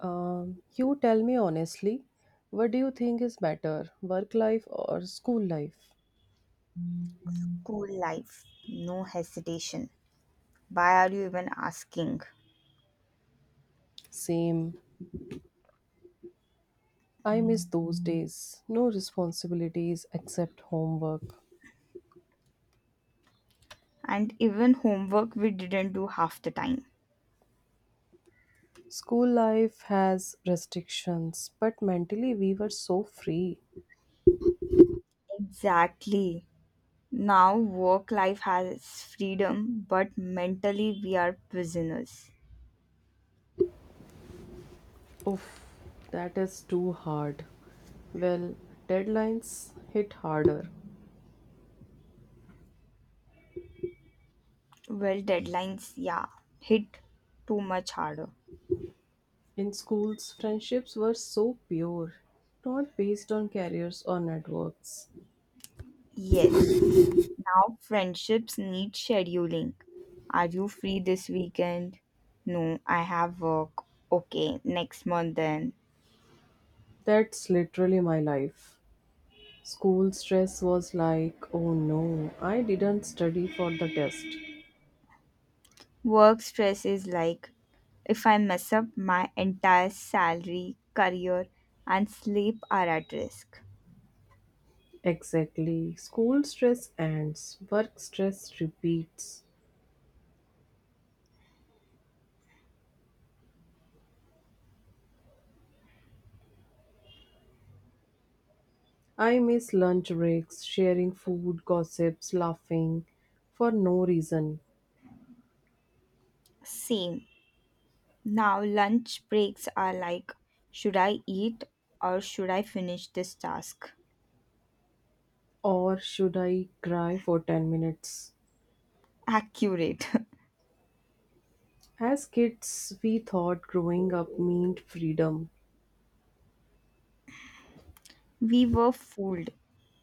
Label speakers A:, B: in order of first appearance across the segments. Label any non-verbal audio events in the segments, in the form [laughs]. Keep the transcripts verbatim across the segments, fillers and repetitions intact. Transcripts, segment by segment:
A: Um, you tell me honestly, what do you think is better, work life or school life?
B: Cool life, no hesitation. Why are you even asking?
A: Same. I miss those days. No responsibilities except homework.
B: And even homework we didn't do half the time.
A: School life has restrictions, but mentally we were so free.
B: Exactly. Now work life has freedom, but mentally we are prisoners.
A: Oof, that is too hard. Well, deadlines hit harder.
B: Well, deadlines, yeah, hit too much harder.
A: In schools, friendships were so pure, not based on careers or networks.
B: Yes. Now friendships need scheduling. Are you free this weekend? No, I have work. Okay, next month then.
A: That's literally my life. School stress was like, oh no, I didn't study for the test.
B: Work stress is like if I mess up, my entire salary, career, and sleep are at risk.
A: Exactly. School stress ends, work stress repeats. I miss lunch breaks, sharing food, gossips, laughing for no reason.
B: Same. Now, lunch breaks are like should I eat or should I finish this task?
A: Or should I cry for ten minutes?
B: Accurate.
A: As kids, we thought growing up meant freedom
B: [laughs] We were fooled.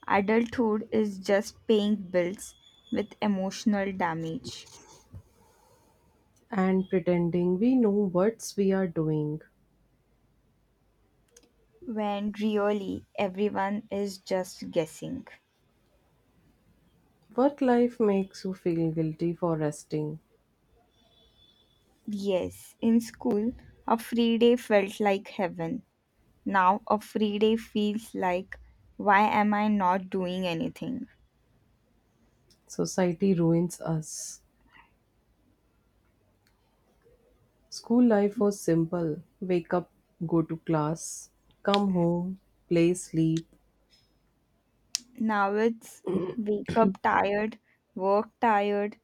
B: Adulthood is just paying bills with emotional damage
A: and pretending we know what we are doing.
B: when really everyone is just guessing.
A: Work life makes you feel guilty for resting.
B: Yes, in school, a free day felt like heaven. Now, a free day feels like, why am I not doing anything?
A: Society ruins us. School life was simple wake up, go to class, come home, play, sleep.
B: Now it's wake up tired, work tired,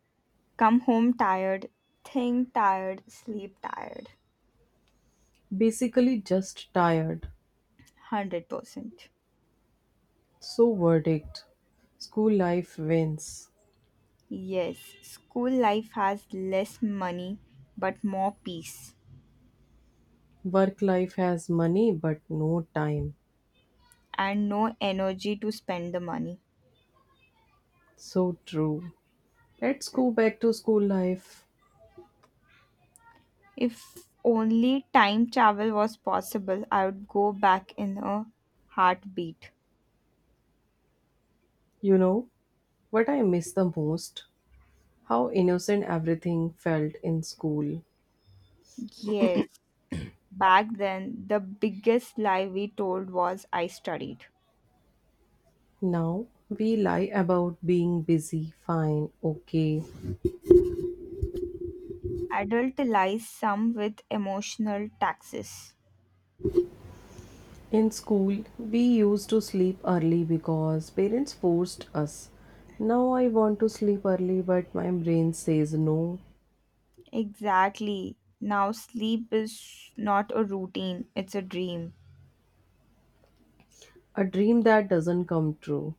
B: come home tired, think tired, sleep tired.
A: Basically, just tired.
B: one hundred percent.
A: So, verdict. School life wins.
B: Yes, school life has less money but more peace
A: Work life has money but no time.
B: and no energy to spend the money.
A: So true. Let's go back to school life.
B: If only time travel was possible, I would go back in a heartbeat.
A: You know what I miss the most? How innocent everything felt in school.
B: Yes, back then, the biggest lie we told was I studied.
A: Now we lie about being busy, fine, okay.
B: Adult lies, some with emotional taxes.
A: In school, we used to sleep early because parents forced us. Now I want to sleep early, but my brain says no.
B: Exactly. Now, sleep is not a routine, it's a dream.
A: A dream that doesn't come true.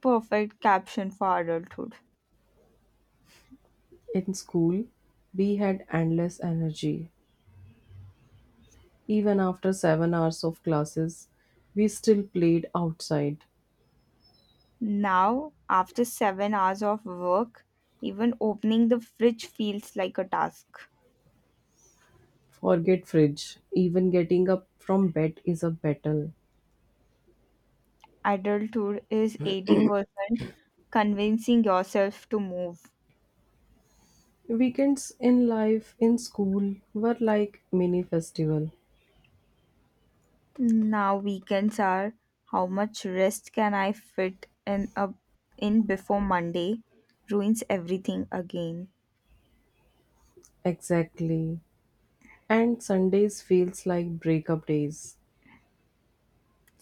B: Perfect caption for adulthood.
A: In school, we had endless energy. Even after seven hours of classes, we still played outside.
B: Now, after seven hours of work, even opening the fridge feels like a task.
A: Forget fridge. Even getting up from bed is a battle.
B: Adulthood is eighty percent convincing yourself to move.
A: Weekends in life in school were like mini festival.
B: Now weekends are how much rest can I fit in a in before Monday ruins everything again.
A: Exactly. And Sundays feels like breakup days.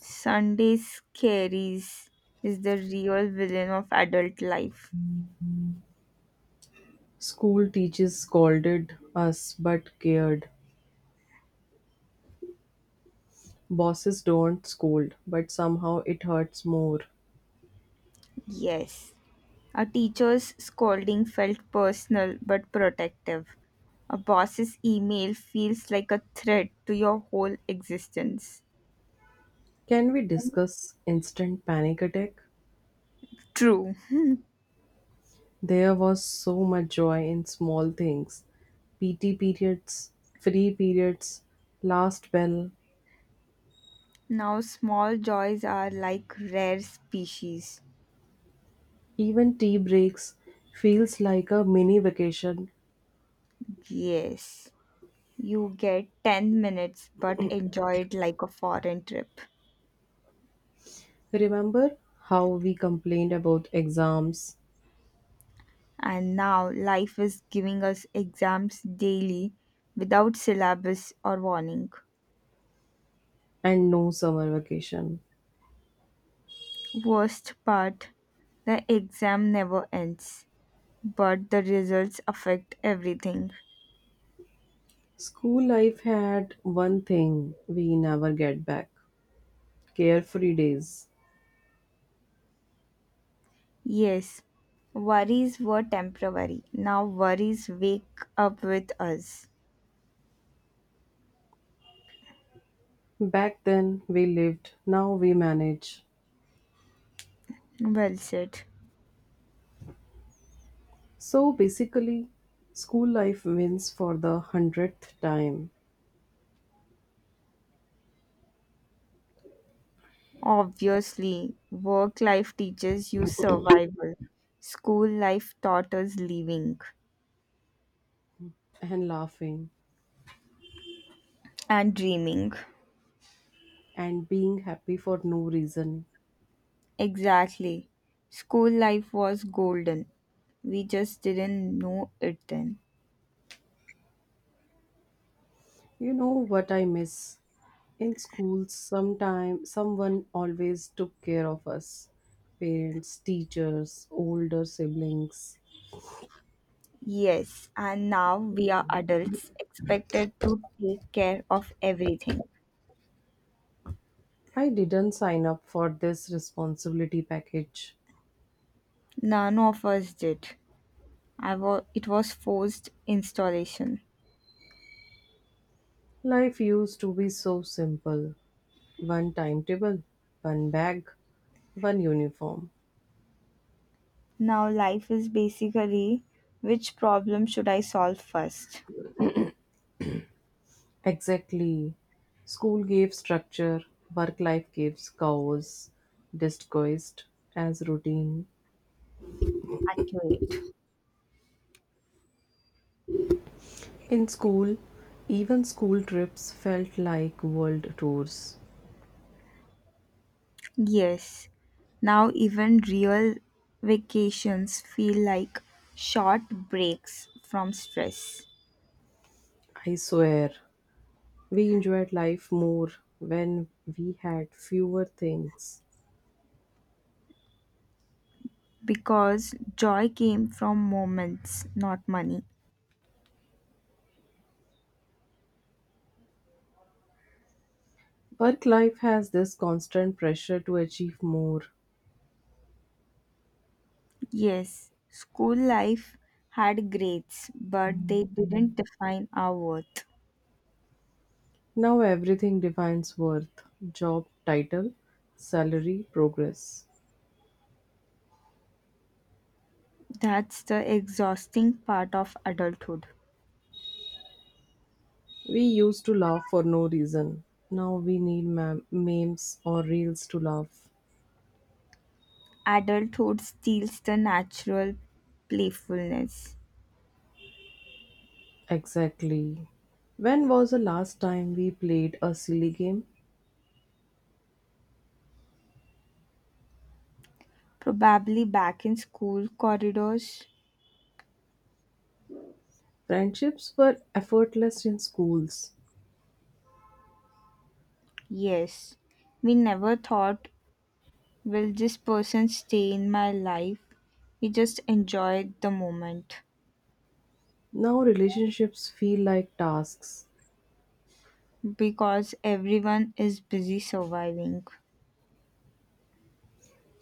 B: Sunday scaries is the real villain of adult life.
A: School teachers scolded us but cared. Bosses don't scold, but somehow it hurts more.
B: Yes. A teacher's scolding felt personal but protective. A boss's email feels like a threat to your whole existence.
A: Can we discuss instant panic attack?
B: True.
A: There was so much joy in small things. P T periods, free periods, last bell,
B: Now, small joys are like rare species.
A: even tea breaks feels like a mini vacation.
B: Yes, you get ten minutes but enjoy it like a foreign trip.
A: Remember how we complained about exams
B: And now, life is giving us exams daily without syllabus or warning.
A: and no summer vacation?
B: Worst part, the exam never ends, but the results affect everything.
A: School life had one thing we never get back carefree days.
B: Yes, worries were temporary. Now, worries wake up with us.
A: Back then we lived, now we manage.
B: Well said.
A: So basically, school life wins for the hundredth time
B: Obviously, work life teaches you survival. School life taught us living
A: and laughing
B: and dreaming.
A: and being happy for no reason.
B: Exactly. School life was golden. We just didn't know it then.
A: You know what I miss? In school, sometime someone always took care of us. Parents, teachers, older siblings.
B: Yes, and now we are adults expected to take care of everything.
A: I didn't sign up for this responsibility package.
B: None of us did. I wa- it was forced installation.
A: Life used to be so simple. One timetable, one bag, one uniform.
B: Now life is basically, which problem should I solve first?
A: Exactly. School gave structure, work life gives chaos, disguised as routine.
B: Accurate.
A: In school, even school trips felt like world tours.
B: Yes, now even real vacations feel like short breaks from stress
A: I swear, we enjoyed life more when we had fewer things.
B: because joy came from moments, not money.
A: Work life has this constant pressure to achieve more.
B: Yes, school life had grades, but they didn't define our worth.
A: Now everything defines worth job title, salary, progress.
B: That's the exhausting part of adulthood.
A: We used to laugh for no reason. Now we need mem- memes or reels to laugh.
B: Adulthood steals the natural playfulness.
A: Exactly. When was the last time we played a silly game?
B: Probably back in school corridors.
A: Friendships were effortless in schools.
B: Yes, we never thought, will this person stay in my life? We just enjoyed the moment
A: Now relationships feel like tasks.
B: because everyone is busy surviving.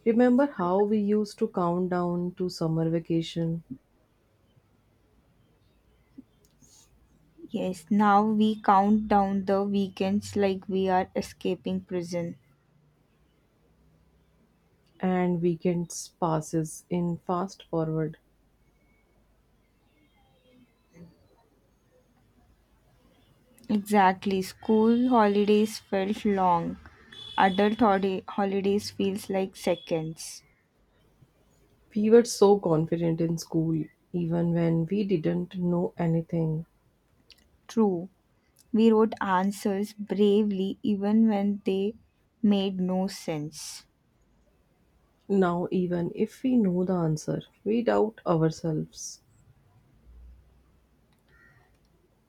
A: Remember how we used to count down to summer vacation
B: Yes, now we count down the weekends like we are escaping prison.
A: and weekends passes in fast forward.
B: Exactly, school holidays felt long. Adult holi- holidays feels like seconds.
A: We were so confident in school even when we didn't know anything.
B: True, we wrote answers bravely even when they made no sense.
A: Now even if we know the answer, we doubt ourselves.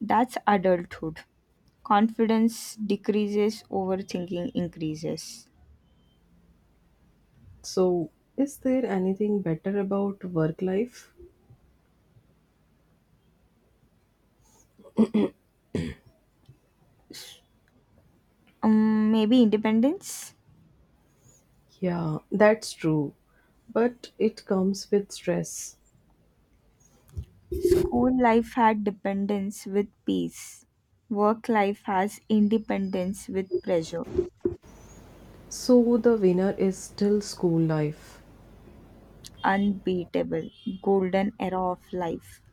B: That's adulthood. Confidence decreases, overthinking increases.
A: So is there anything better about work life?
B: Um, maybe independence?
A: Yeah, that's true. But it comes with stress.
B: School life had dependence with peace. Work life has independence with pressure.
A: So the winner is still school life.
B: Unbeatable, golden era of life.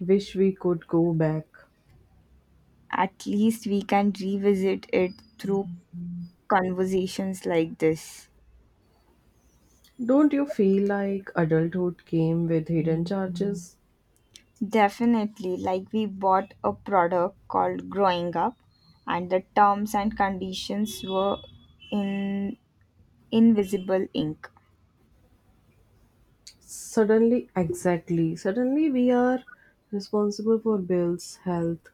A: Wish we could go back.
B: At least we can revisit it through conversations like this.
A: Don't you feel like adulthood came with hidden charges?
B: Definitely, like we bought a product called Growing Up, and the terms and conditions were in invisible ink.
A: Suddenly, exactly. Suddenly, we are responsible for bills, health,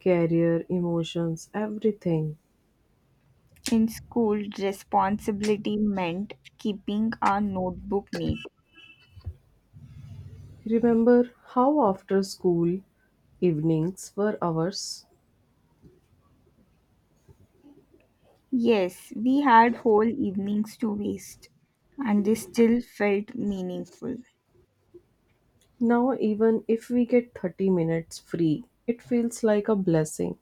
A: career, emotions, everything.
B: In school, responsibility meant keeping our notebook neat.
A: Remember how after school evenings were ours?
B: Yes, we had whole evenings to waste, and they still felt meaningful.
A: Now, even if we get thirty minutes free, it feels like a blessing.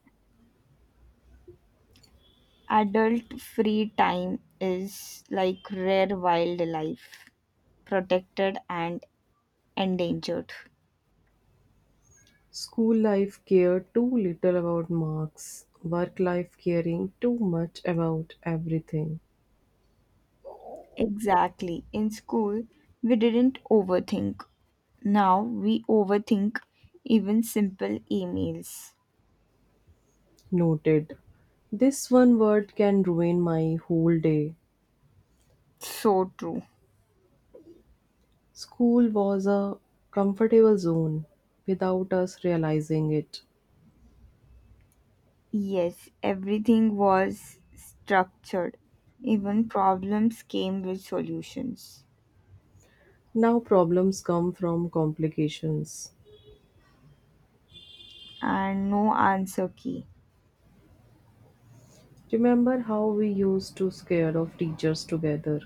B: Adult free time is like rare wild life, protected and endangered.
A: School life cared too little about marks, work life caring too much about everything.
B: Exactly. In school, we didn't overthink. Now we overthink even simple emails.
A: Noted. This one word can ruin my whole day.
B: So true.
A: School was a comfortable zone without us realizing it.
B: Yes, everything was structured. Even problems came with solutions
A: Now problems come from complications.
B: and no answer key.
A: Remember how we used to scare of teachers together?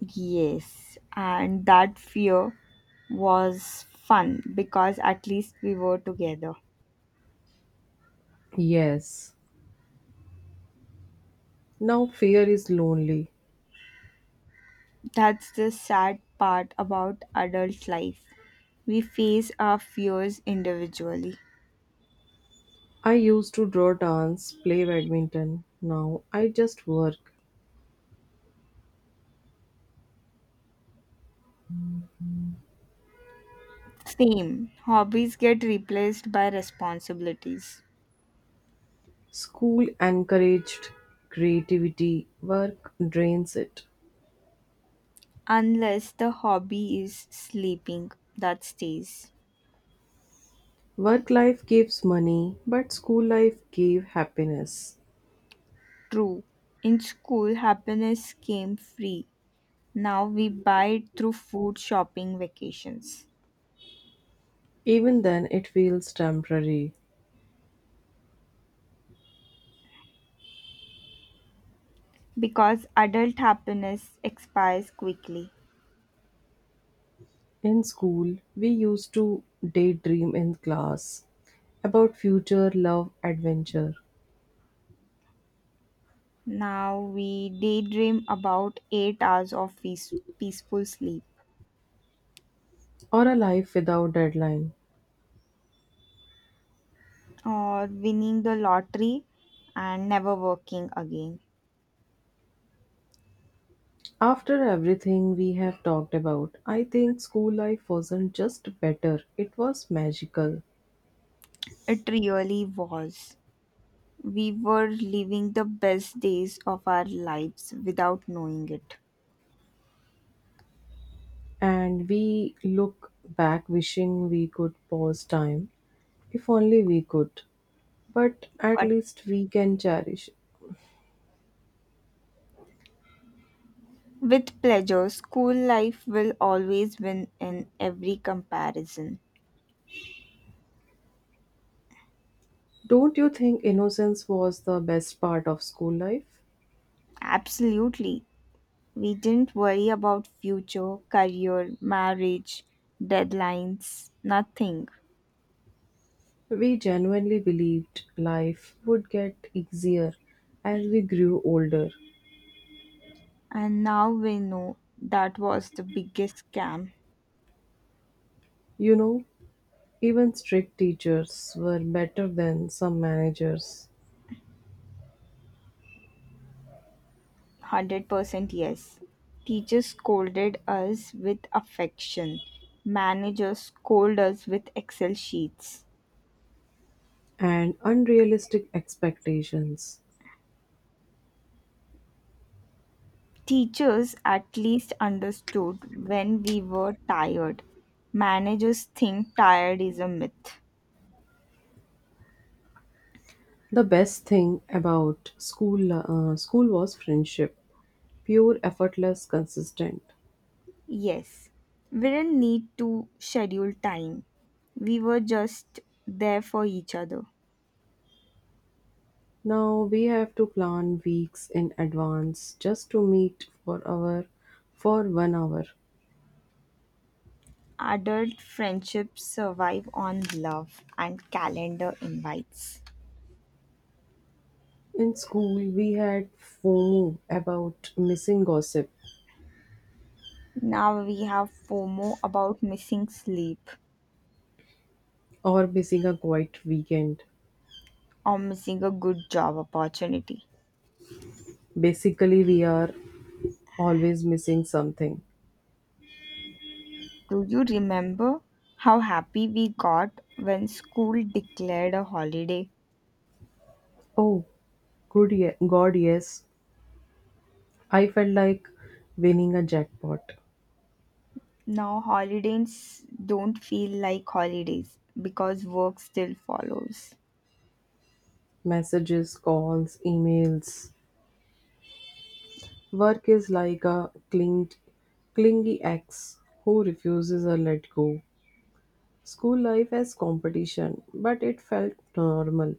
B: Yes, and that fear was fun because at least we were together.
A: Yes, now fear is lonely.
B: That's the sad part about adult life. We face our fears individually.
A: I used to draw, dance, play badminton. Now I just work.
B: Same, hobbies get replaced by responsibilities.
A: School encouraged creativity, work drains it.
B: Unless the hobby is sleeping, that stays.
A: Work life gives money, but school life gave happiness.
B: True. In school, happiness came free. Now we buy it through food, shopping, vacations.
A: Even then, it feels temporary.
B: Because adult happiness expires quickly.
A: In school, we used to daydream in class about future, love, adventure,
B: Now we daydream about eight hours of peace- peaceful sleep
A: or a life without deadline.
B: or winning the lottery and never working again.
A: After everything we have talked about, I think school life wasn't just better, it was magical.
B: It really was. We were living the best days of our lives without knowing it.
A: And we look back wishing we could pause time. If only we could. But at
B: But
A: least we can cherish it.
B: with pleasure, school life will always win in every comparison.
A: Don't you think innocence was the best part of school life?
B: Absolutely. We didn't worry about future, career, marriage, deadlines, nothing.
A: We genuinely believed life would get easier as we grew older.
B: And now we know that was the biggest scam.
A: You know, even strict teachers were better than some managers
B: one hundred percent, yes. Teachers scolded us with affection. Managers scolded us with Excel sheets.
A: and unrealistic expectations.
B: Teachers at least understood when we were tired. Managers think tired is a myth.
A: The best thing about school uh, school was friendship, pure, effortless, consistent.
B: Yes, we didn't need to schedule time. We were just there for each other.
A: Now we have to plan weeks in advance just to meet for our for one hour.
B: Adult friendships survive on love and calendar invites.
A: In school, we had FOMO about missing gossip
B: Now we have FOMO about missing sleep
A: or missing a quiet weekend.
B: or missing a good job opportunity.
A: Basically, we are always missing something.
B: Do you remember how happy we got when school declared a holiday?
A: Oh, good, ye- God, yes. I felt like winning a jackpot.
B: Now holidays don't feel like holidays because work still follows.
A: Messages, calls, emails. Work is like a clinged, clingy ex who refuses to let go. School life as competition, but it felt normal.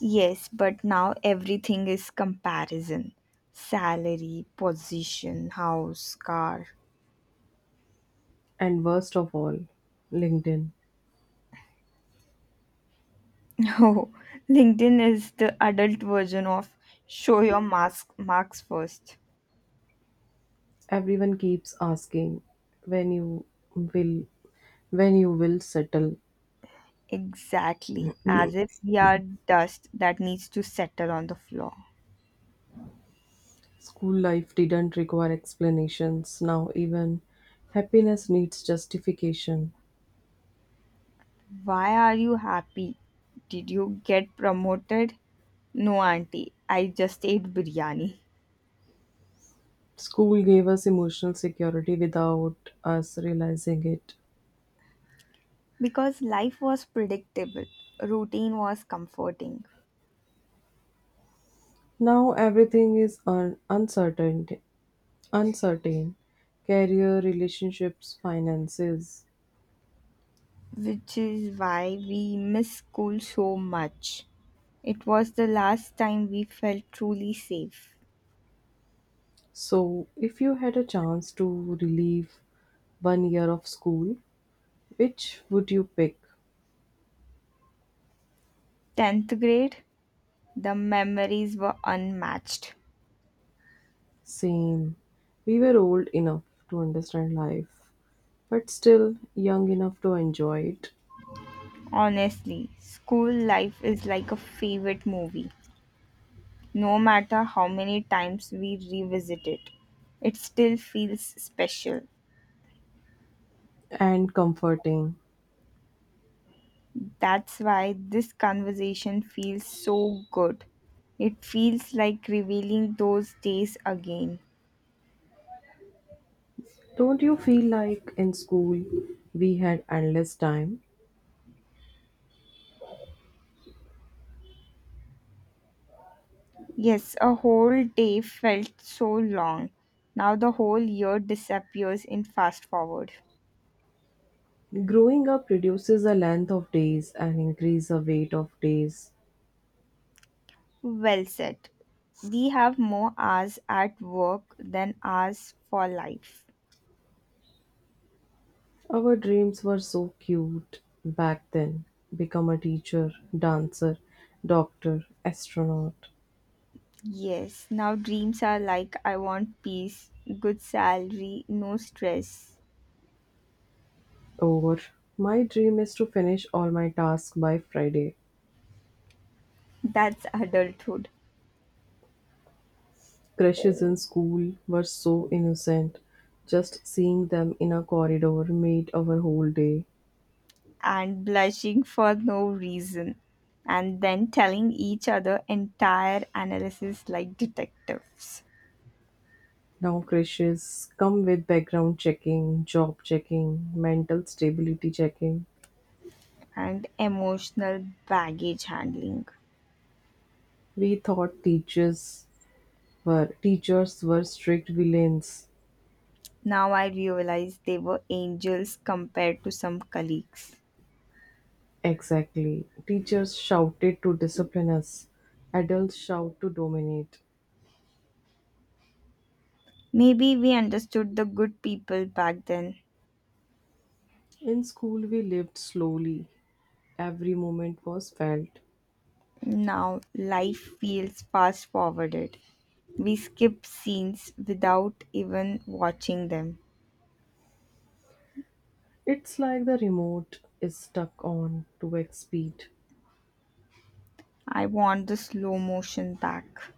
B: Yes, but now everything is comparison, salary, position, house, car.
A: And worst of all, LinkedIn.
B: [laughs] Oh, LinkedIn is the adult version of show your mask marks first.
A: Everyone keeps asking when you will when you will settle.
B: Exactly, as if we are dust that needs to settle on the floor.
A: School life didn't require explanations. Now even happiness needs justification.
B: Why are you happy? Did you get promoted? No, auntie, I just ate biryani.
A: School gave us emotional security without us realizing it.
B: Because life was predictable, routine was comforting,
A: Now everything is un- uncertain, uncertain, career, relationships, finances.
B: which is why we miss school so much. It was the last time we felt truly safe.
A: So, if you had a chance to relive one year of school, which would you pick?
B: tenth grade, the memories were unmatched.
A: Same. We were old enough to understand life, but still young enough to enjoy it
B: Honestly, school life is like a favorite movie. No matter how many times we revisit it, it still feels special.
A: and comforting.
B: That's why this conversation feels so good. It feels like revealing those days again.
A: Don't you feel like in school we had endless time?
B: Yes, a whole day felt so long. Now the whole year disappears in fast forward.
A: Growing up reduces the length of days and increase the weight of days.
B: Well said. We have more hours at work than hours for life.
A: Our dreams were so cute back then. Become a teacher, dancer, doctor, astronaut.
B: Yes, now dreams are like I want peace, good salary, no stress.
A: Or my dream is to finish all my tasks by Friday.
B: [laughs] That's adulthood.
A: Crushes in school were so innocent. Just seeing them in a corridor made our whole day.
B: And blushing for no reason. And then telling each other entire analysis like detectives.
A: Now crashes come with background checking, job checking, mental stability checking.
B: And emotional baggage handling.
A: We thought teachers were teachers were strict villains.
B: Now I realize they were angels compared to some colleagues.
A: Exactly. Teachers shouted to discipline us. Adults shout to dominate.
B: Maybe we understood the good people back then.
A: In school we lived slowly. Every moment was felt.
B: Now life feels fast forwarded. We skip scenes without even watching them.
A: It's like the remote is stuck on to X speed.
B: I want the slow motion back,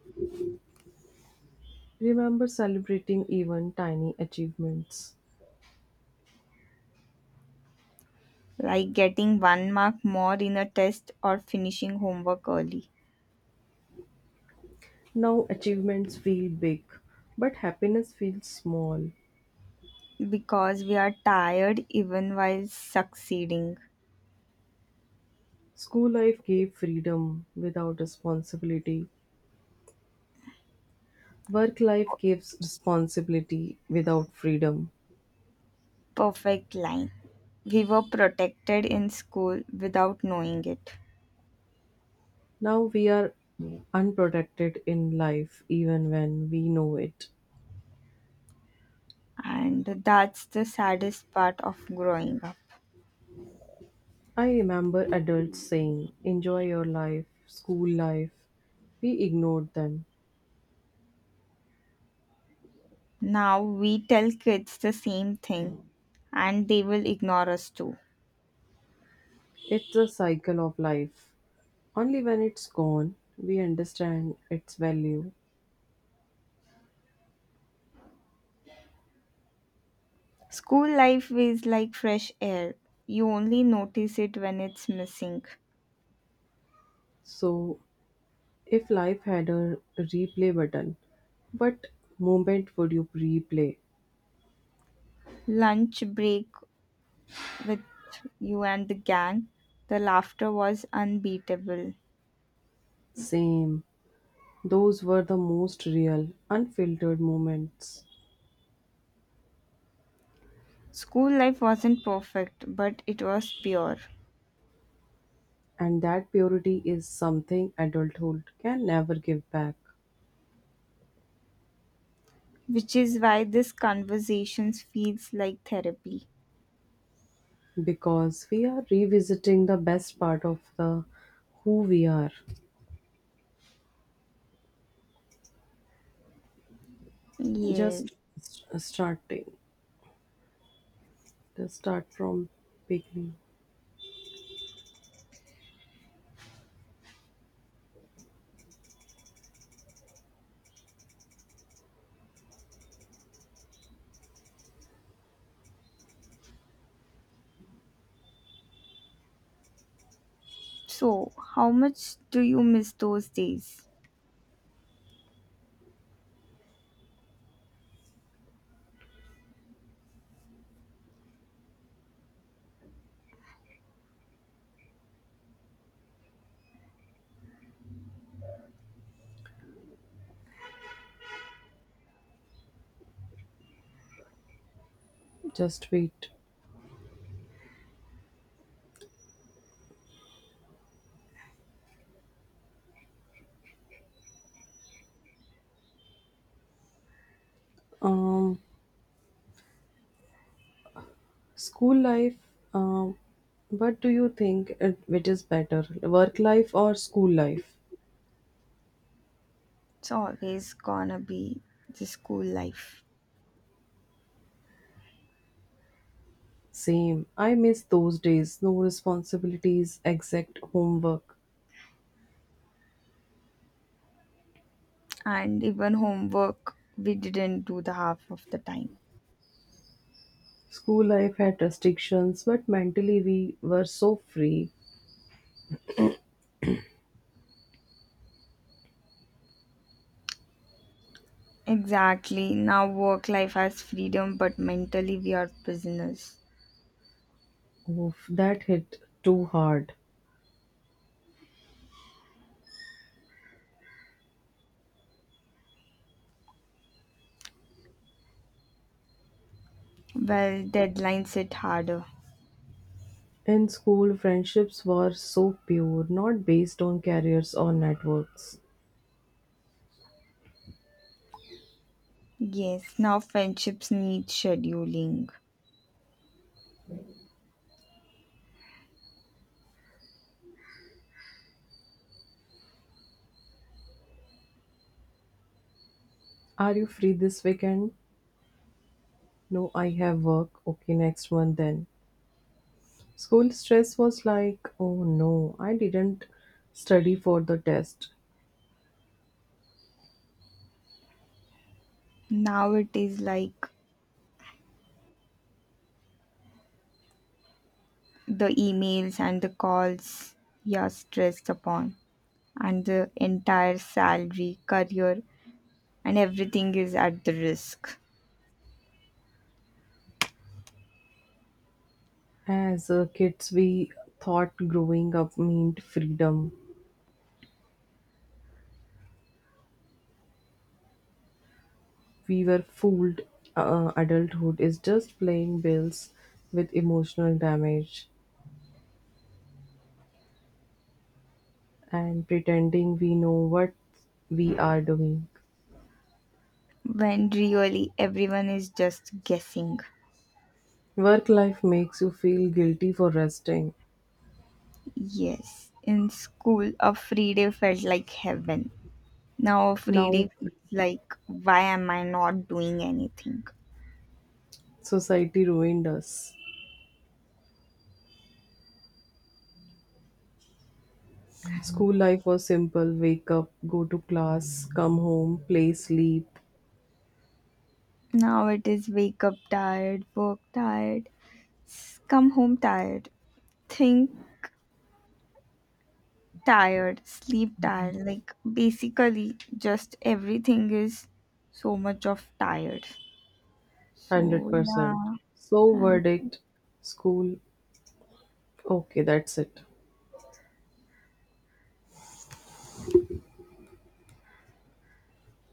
A: Remember celebrating even tiny achievements.
B: like getting one mark more in a test or finishing homework early.
A: Now achievements feel big, but happiness feels small.
B: Because we are tired even while succeeding.
A: School life gave freedom without responsibility. Work life gives responsibility without freedom.
B: Perfect line. We were protected in school without knowing it.
A: Now we are unprotected in life even when we know it.
B: And that's the saddest part of growing up.
A: I remember adults saying, enjoy your life, school life. We ignored them.
B: Now we tell kids the same thing and they will ignore us too.
A: It's a cycle of life. Only when it's gone, we understand its value.
B: School life is like fresh air. You only notice it when it's missing.
A: So if life had a replay button, what moment would you replay?
B: Lunch break with you and the gang, the laughter was unbeatable.
A: Same. Those were the most real, unfiltered moments.
B: School life wasn't perfect, but it was pure,
A: And that purity is something adulthood can never give back
B: which is why this conversations feels like therapy.
A: because we are revisiting the best part of the who we are. Just
B: Yes.
A: s- starting. Just start from beginning.
B: So, how much do you miss those days?
A: Just wait. Um School life, um, what do you think it, which is better, work life or school life?
B: It's always gonna be the school life
A: Same. I miss those days. No responsibilities, exact homework.
B: and even homework we didn't do the half of the time.
A: School life had restrictions, but mentally we were so free.
B: Exactly. Now work life has freedom but mentally we are prisoners.
A: Oof, that hit too hard.
B: Well, deadlines hit harder.
A: In school, friendships were so pure, not based on careers or networks.
B: Yes, now friendships need scheduling.
A: Are you free this weekend? No, I have work. Okay, next one then. School stress was like, oh no, I didn't study for the test.
B: Now it is like the emails and the calls you are stressed upon, and the entire salary, career, and everything is at the risk
A: As uh, kids, we thought growing up meant freedom. We were fooled. Uh, adulthood is just playing bills with emotional damage and pretending we know what we are doing.
B: when really everyone is just guessing.
A: Work life makes you feel guilty for resting.
B: Yes, in school, a free day felt like heaven. Now, a free
A: Now,
B: day feels like, why am I not doing anything?
A: society ruined us. School life was simple wake up, go to class, come home, play, sleep
B: Now it is wake up tired, work tired, s- come home tired, think tired, sleep tired. Like, basically, just everything is so much of tired. So,
A: one hundred percent.
B: yeah,
A: So,
B: thank
A: verdict, school, okay, that's it.